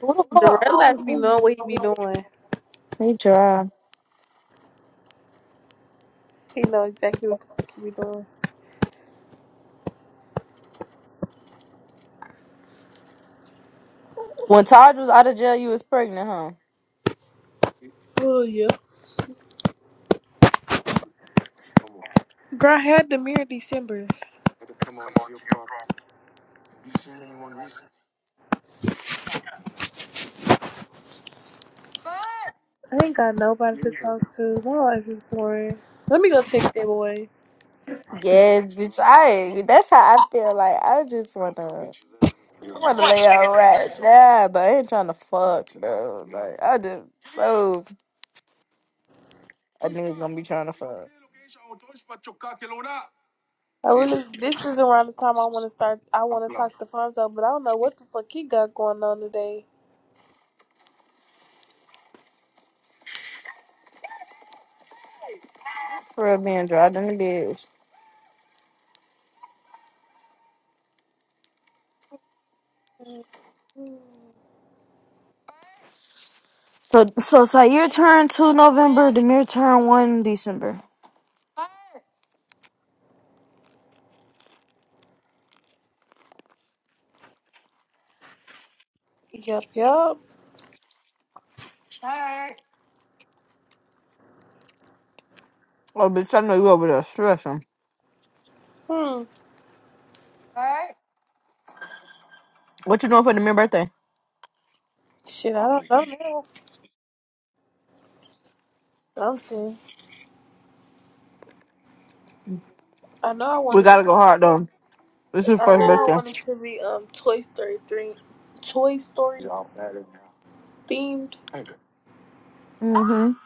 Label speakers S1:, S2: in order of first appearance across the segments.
S1: Who the
S2: Darrell has be knowing what he
S1: fuck?
S2: be doing.
S1: He dry.
S2: He know exactly what the fuck he be doing.
S1: When Taj was out of jail, you was pregnant, huh?
S2: Oh yeah. Girl, I had the mirror December. I ain't got nobody to talk to. My life is boring. Let me go take that boy.
S1: Yeah, bitch. I that's how I feel. Like I just wanna, I wanna lay out right now, but I ain't trying to fuck bro. Like I just so I nigga gonna be trying to fuck
S2: I really, this is around the time I want to start. I want to talk to Fonzo, but I don't know what the fuck he got going on today.
S1: for real being dried in the bitch.
S2: Mhm.
S1: So so Sayer turned two November, Demir turned one December.
S2: Yup, yup.
S1: Oh, bitch, I know you over there stressing.
S2: Hmm.
S1: What you doing for Demir's birthday?
S2: Shit, I don't know now. Something. I know I
S1: We
S2: wanted.
S1: gotta go
S2: I
S1: hard though. This is first
S2: know I
S1: birthday.
S2: wanted to be um Toy Story three, Toy Story themed.
S1: Mm-hmm.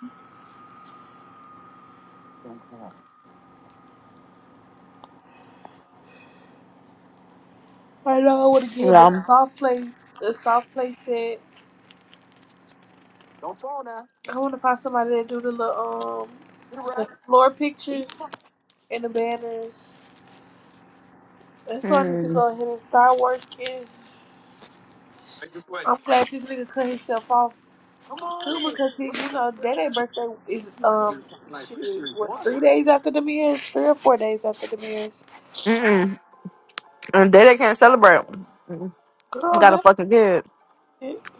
S2: I know I want to give but
S1: Yeah.
S2: soft play, the soft play set. I want to find somebody that do the little, um, the floor pictures and the banners. That's why I need to
S1: Mm.
S2: go ahead and start working. I'm glad this nigga cut himself off too because he, you know, that ain't birthday is um shit. What three days after the mirrors, three or four days after the mirrors.
S1: Mm-mm. And they, they can't celebrate. Mm.
S2: Girl,
S1: Got a
S2: that
S1: fucking kid.
S2: that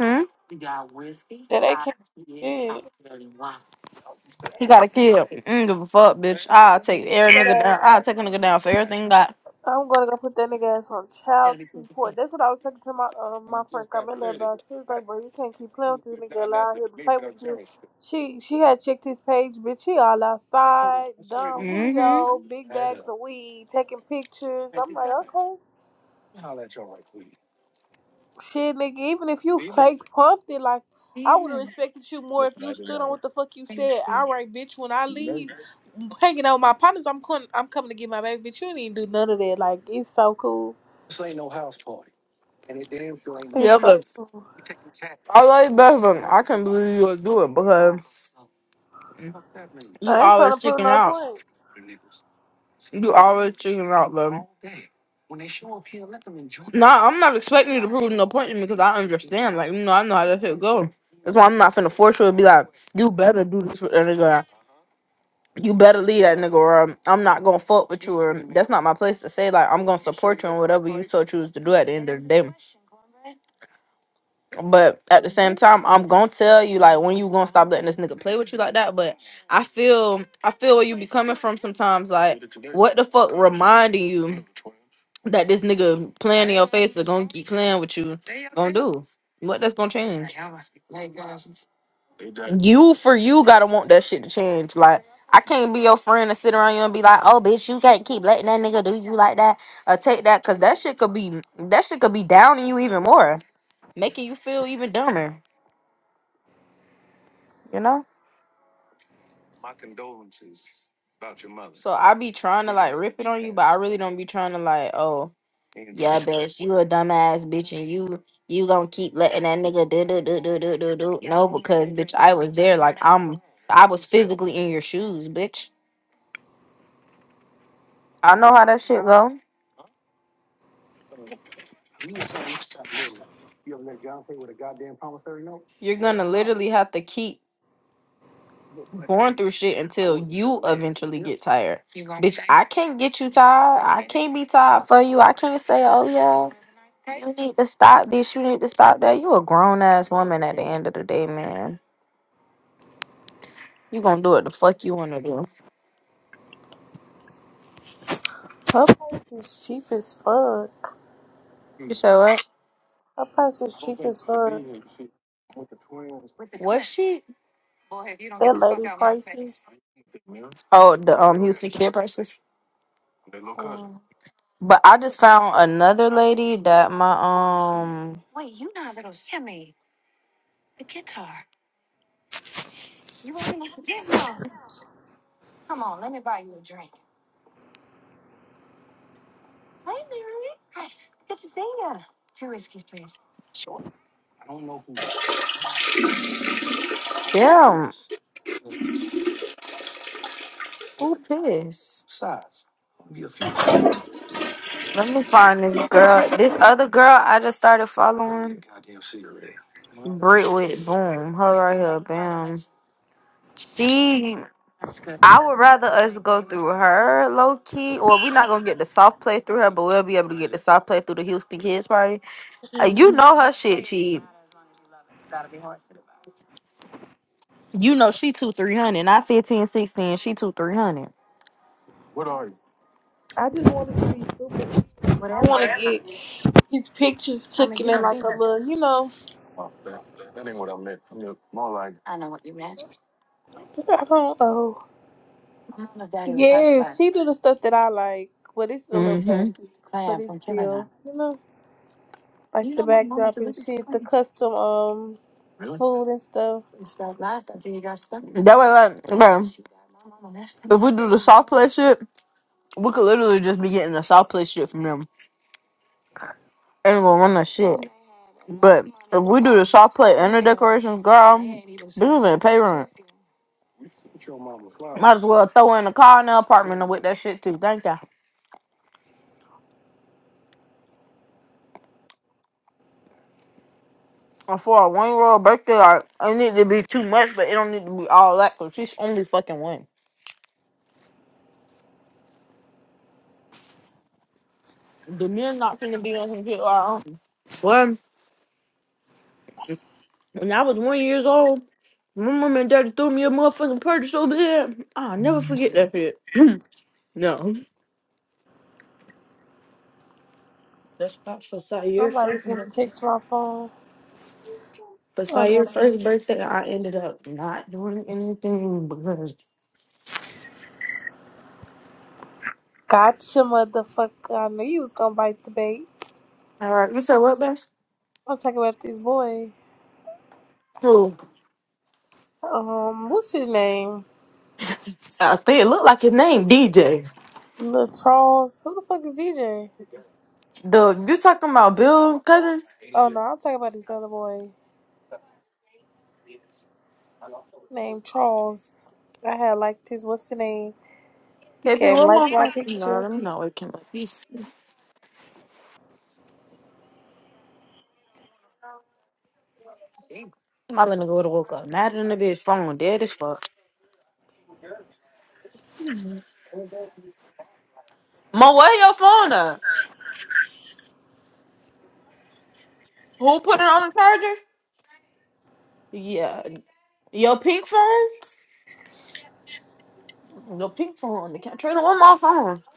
S1: Hmm?
S2: ain't can't. Yeah.
S1: He got
S2: I'm
S1: a kid. I don't give a fuck, bitch. I'll take every nigga
S2: gonna
S1: down. I'll take a nigga down for everything that.
S2: I'm gonna go put that nigga ass on child support. That's what I was talking to my um my friend Carmela about. She was like, "Bro, you can't keep playing with this nigga. Allow him to play with you." She she had checked his page, bitch. He all outside, Don
S1: hmm
S2: Julio, big bags of weed, taking pictures. I'm like, okay, shit, nigga. Even if you fake pumped it, like I would have respected you more if you stood on what the fuck you said. All right, bitch. When I leave, hanging out with my partners, I'm coming. I'm coming to get my baby. Bitch, you didn't do none of that. Like it's so cool.
S1: Yeah,
S2: It's so
S1: but
S2: cool.
S1: I like best but I can't believe you would do it because you
S2: I ain't trying
S1: always
S2: to prove
S1: chicken
S2: no
S1: out.
S2: points.
S1: You always chicken out, bro. Nah, I'm not expecting you to prove no point to me because I understand. Like, you know, I know how that shit go. That's why I'm not finna force you to be like, you better do this with that nigga. you better leave that nigga or I'm, I'm not gonna fuck with you or that's not my place to say like I'm gonna support you in whatever you so choose to do at the end of the day. But at the same time, I'm gonna tell you like when you gonna stop letting this nigga play with you like that. But I feel I feel where you be coming from sometimes like what the fuck reminding you that this nigga playing in your face is gonna keep playing with you gonna do? What that's gonna change? You for you gotta want that shit to change. Like I can't be your friend and sit around you and be like, oh bitch, you can't keep letting that nigga do you like that or take that because that shit could be that shit could be downing you even more, making you feel even dumber. You know. So I be trying to like rip it on you, but I really don't be trying to like, oh yeah, bitch, you a dumbass bitch and you you gonna keep letting that nigga do do do do do do do. No, because bitch, I was there. Like I'm, I was physically in your shoes, bitch. I know how that shit go. You're gonna literally have to keep going through shit until you eventually get tired. Bitch, I can't get you tired. I can't be tired for you. I can't say, oh yeah, you need to stop bitch." You need to stop that. You a grown ass woman at the end of the day, man. You gonna do what the fuck you wanna do.
S2: Her price is cheap as fuck.
S1: You say what?
S2: Her price is cheap as fuck.
S1: Was she?
S2: That lady prices.
S1: Oh, the um Houston kid person.
S2: Um,
S1: But I just found another lady that my um damn who pissed. Let me find this girl. This other girl I just started following. Brit with boom. Her right here, bam. She I would rather us go through her low key. Or we're not gonna get the soft play through her, but we'll be able to get the soft play through the Houston Kids Party. Uh, You
S2: mhm.
S1: know her shit, she you know she two three hundred, not 15 16. she two three hundred.
S2: I just wanted to be stupid.
S1: What
S2: I
S1: am
S2: want
S1: hundred.
S2: to get his pictures taken in like a little, you know. I don't know. Yes, she do the stuff that I like, but it's a little
S1: Mm-hmm.
S2: basic. But it's still, you know, like the backdrop and shit, the custom um food and stuff.
S1: That way like bro. If we do the soft play shit, we could literally just be getting the soft play shit from them. ain't gonna run that shit. But if we do the soft play and the decorations, girl, this bitches ain't pay rent. Might as well throw in the car in the apartment and with that shit too. Thank you. And for a one year old birthday, like it need to be too much, but it don't need to be all that because she's only fucking one. The men not finna be on some shit like um, Well, when I was one years old, my mom and daddy threw me a motherfucking purchase over here. I'll never forget that shit. no. That's not for your
S2: Somebody
S1: first.
S2: just text my phone. Oh
S1: Besides your
S2: no.
S1: first birthday, I ended up not doing anything because.
S2: Gotcha, motherfucker. I knew you was gonna bite the bait.
S1: All right, you said what, Beth?
S2: I'm talking about this boy.
S1: Who?
S2: Um, what's his name?
S1: I think it looked like his name, DJ.
S2: Little Charles. Who the fuck is DJ?
S1: The you talking about Bill cousin?
S2: Oh no, I'm talking about this other boy named Charles. I had liked his what's the name? He
S1: KP,
S2: came like
S1: what
S2: my
S1: motherfucker? No,
S2: picture.
S1: let me know it came up. He's my little nigga woulda woke up. Mad in the bitch phone, dead as fuck. Mo, where your phone at? Who put it on the charger? Yeah. Your pink phone? Your pink phone. The cat trailer on my phone.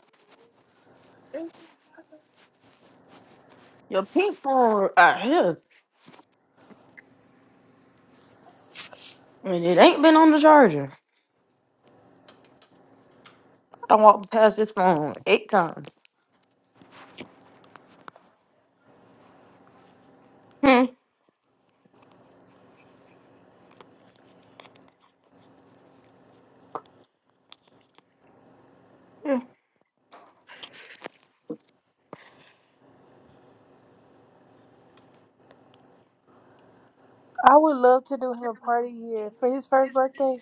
S1: Your pink phone out here. And it ain't been on the charger. I walked past this phone eight times. Hmm.
S2: I would love to do him a party here for his first birthday.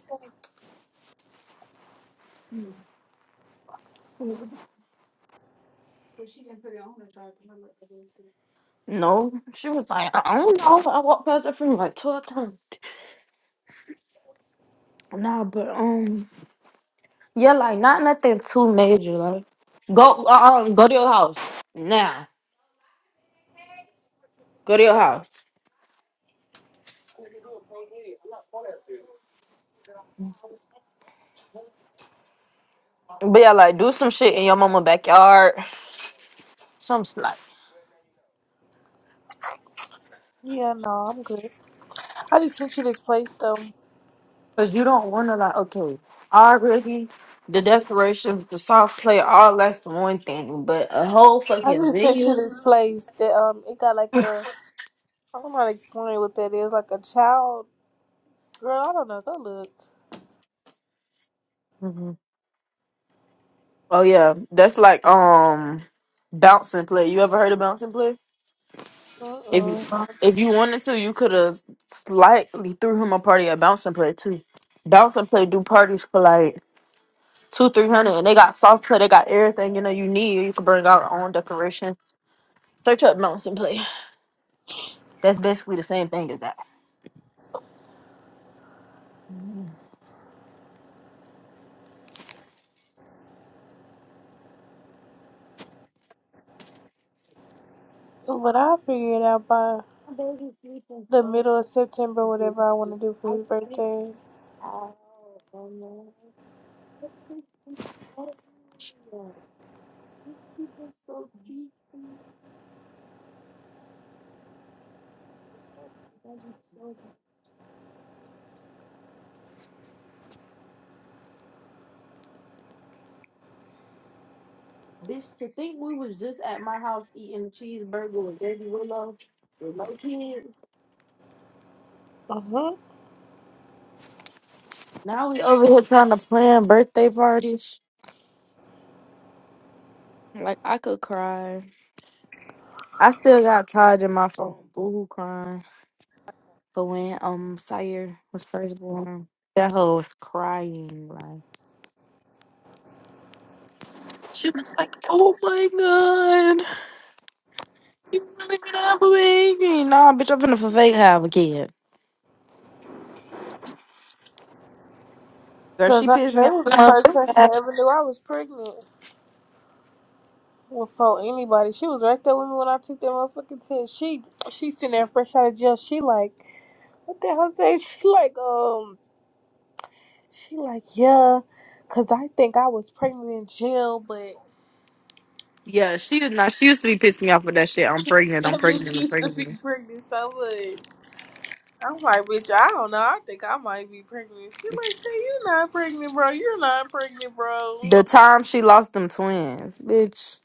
S1: No, she was like, I don't know. I walked past that phone like twelve times. Nah, but um, yeah, like not nothing too major. Like, go uh, um, go to your house now. Go to your house. But yeah, like do some shit in your mama backyard. Some like,
S2: Yeah, no, I'm good. I just sent you this place though.
S1: cause you don't wanna like okay, already the decorations, the soft play, all that's one thing, but a whole
S2: I
S1: fucking
S2: just sent you
S1: venue.
S2: this place that um it got like a I don't know how to explain what that is, like a child girl, I don't know, go look.
S1: Oh yeah, that's like um bounce and play. You ever heard of bounce and play? If you
S2: Uh-uh.
S1: if you wanted to, you could have slightly threw him a party at bounce and play too. Bounce and play do parties for like two three hundred, and they got soft play. They got everything you know you need. You can bring out your own decorations. Search up bounce and play. That's basically the same thing as that.
S2: But I'll figure it out by the middle of September, whatever I want to do for his birthday.
S1: Bitch, to think we was just at my house eating cheeseburger with Baby Willow with my kids.
S2: Mm-hmm.
S1: Now we over here trying to plan birthday parties. Like I could cry. I still got Taj in my phone. Boo hoo crying for when um Sire was first born. That hoe was crying like she was like, "Oh my god, you really gonna have a baby?" Nah, bitch, I'm finna for fake have a kid. Girl, she
S2: Because I
S1: pissed me
S2: know was the
S1: off.
S2: first
S1: so
S2: person that ever knew I was pregnant. Before anybody, she was right there with me when I took that motherfucking test. She, she sitting there fresh out of jail. She like, what the hell say? She like, um, she like, yeah, cause I think I was pregnant in jail, but
S1: Yeah, she is not. She used to be pissing me off with that shit. I'm pregnant.
S2: that
S1: I'm
S2: bitch
S1: pregnant. I'm
S2: used to be
S1: pregnant.
S2: pregnant so much. I'm like, bitch, I don't know. I think I might be pregnant. She like, tell you not pregnant, bro. You're not pregnant, bro.
S1: The time she lost them twins, bitch.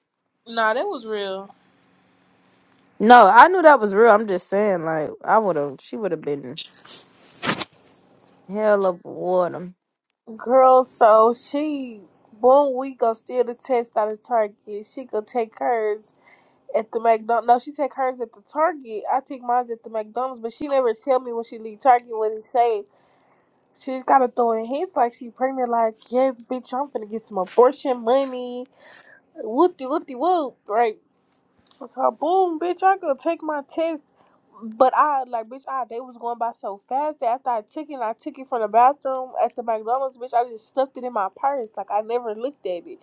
S2: Nah, that was real.
S1: No, I knew that was real. I'm just saying, like, I would have, she would have been hell of a water.
S2: Girl, so she, boom, we go steal the test out of Target. She go take hers at the McDonald's. No, no, she take hers at the Target. I take mine at the McDonald's, but she never tell me when she leave Target what it say. She's gotta throw in hints like she pregnant, like, yes, bitch, I'm finna get some abortion money. Whoop de whoop de whoop, right? So boom, bitch. I could take my test, but I like, bitch. I they was going by so fast that after I took it, I took it from the bathroom at the McDonald's, bitch. I just stuffed it in my purse, like I never looked at it,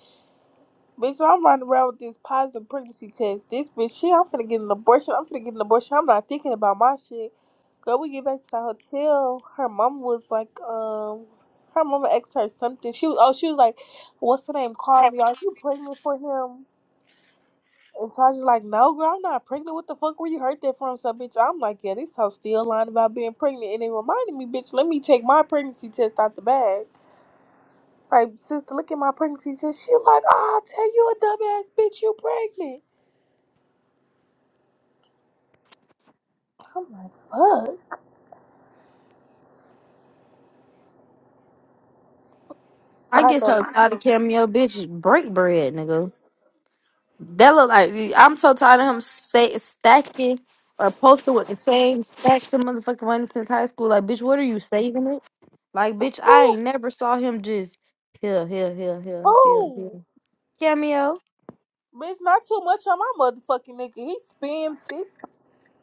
S2: bitch. So I'm running around with this positive pregnancy test. This bitch, shit, I'm finna get an abortion. I'm finna get an abortion. I'm not thinking about my shit. Girl, we get back to the hotel. Her mom was like, um. Her mama asked her something. She was oh she was like, "What's her name? Call me. Are you pregnant for him?" And Tasha's like, no, girl, I'm not pregnant. What the fuck where you heard that from? So, bitch, I'm like, yeah, this hoe still lying about being pregnant. And it reminded me, bitch, let me take my pregnancy test out the bag. Like, sister, look at my pregnancy test. She like, oh, I'll tell you a dumbass bitch, you pregnant. I'm like, fuck.
S1: I
S2: I
S1: get so
S2: go,
S1: tired of cameo bitch, break bread, nigga. That look like I'm so tired of him say, stacking or posting with the same stacks of motherfucking money since high school. Like, bitch, what are you saving it? Like, bitch, I
S2: oh,
S1: ain't never saw him just here, here, here, here, here, here.
S2: oh.
S1: Cameo.
S2: Bitch, not too much on my motherfucking nigga. He spins it.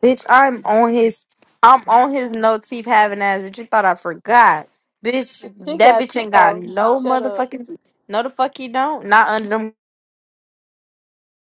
S1: Bitch, I'm on his I'm on his no teeth having ass, bitch. You thought I forgot. Bitch,
S2: She
S1: that
S2: got
S1: bitch ain't
S2: teeth,
S1: got
S2: hoe.
S1: no
S2: Shut up.
S1: motherfucking no the fuck he don't. Not under them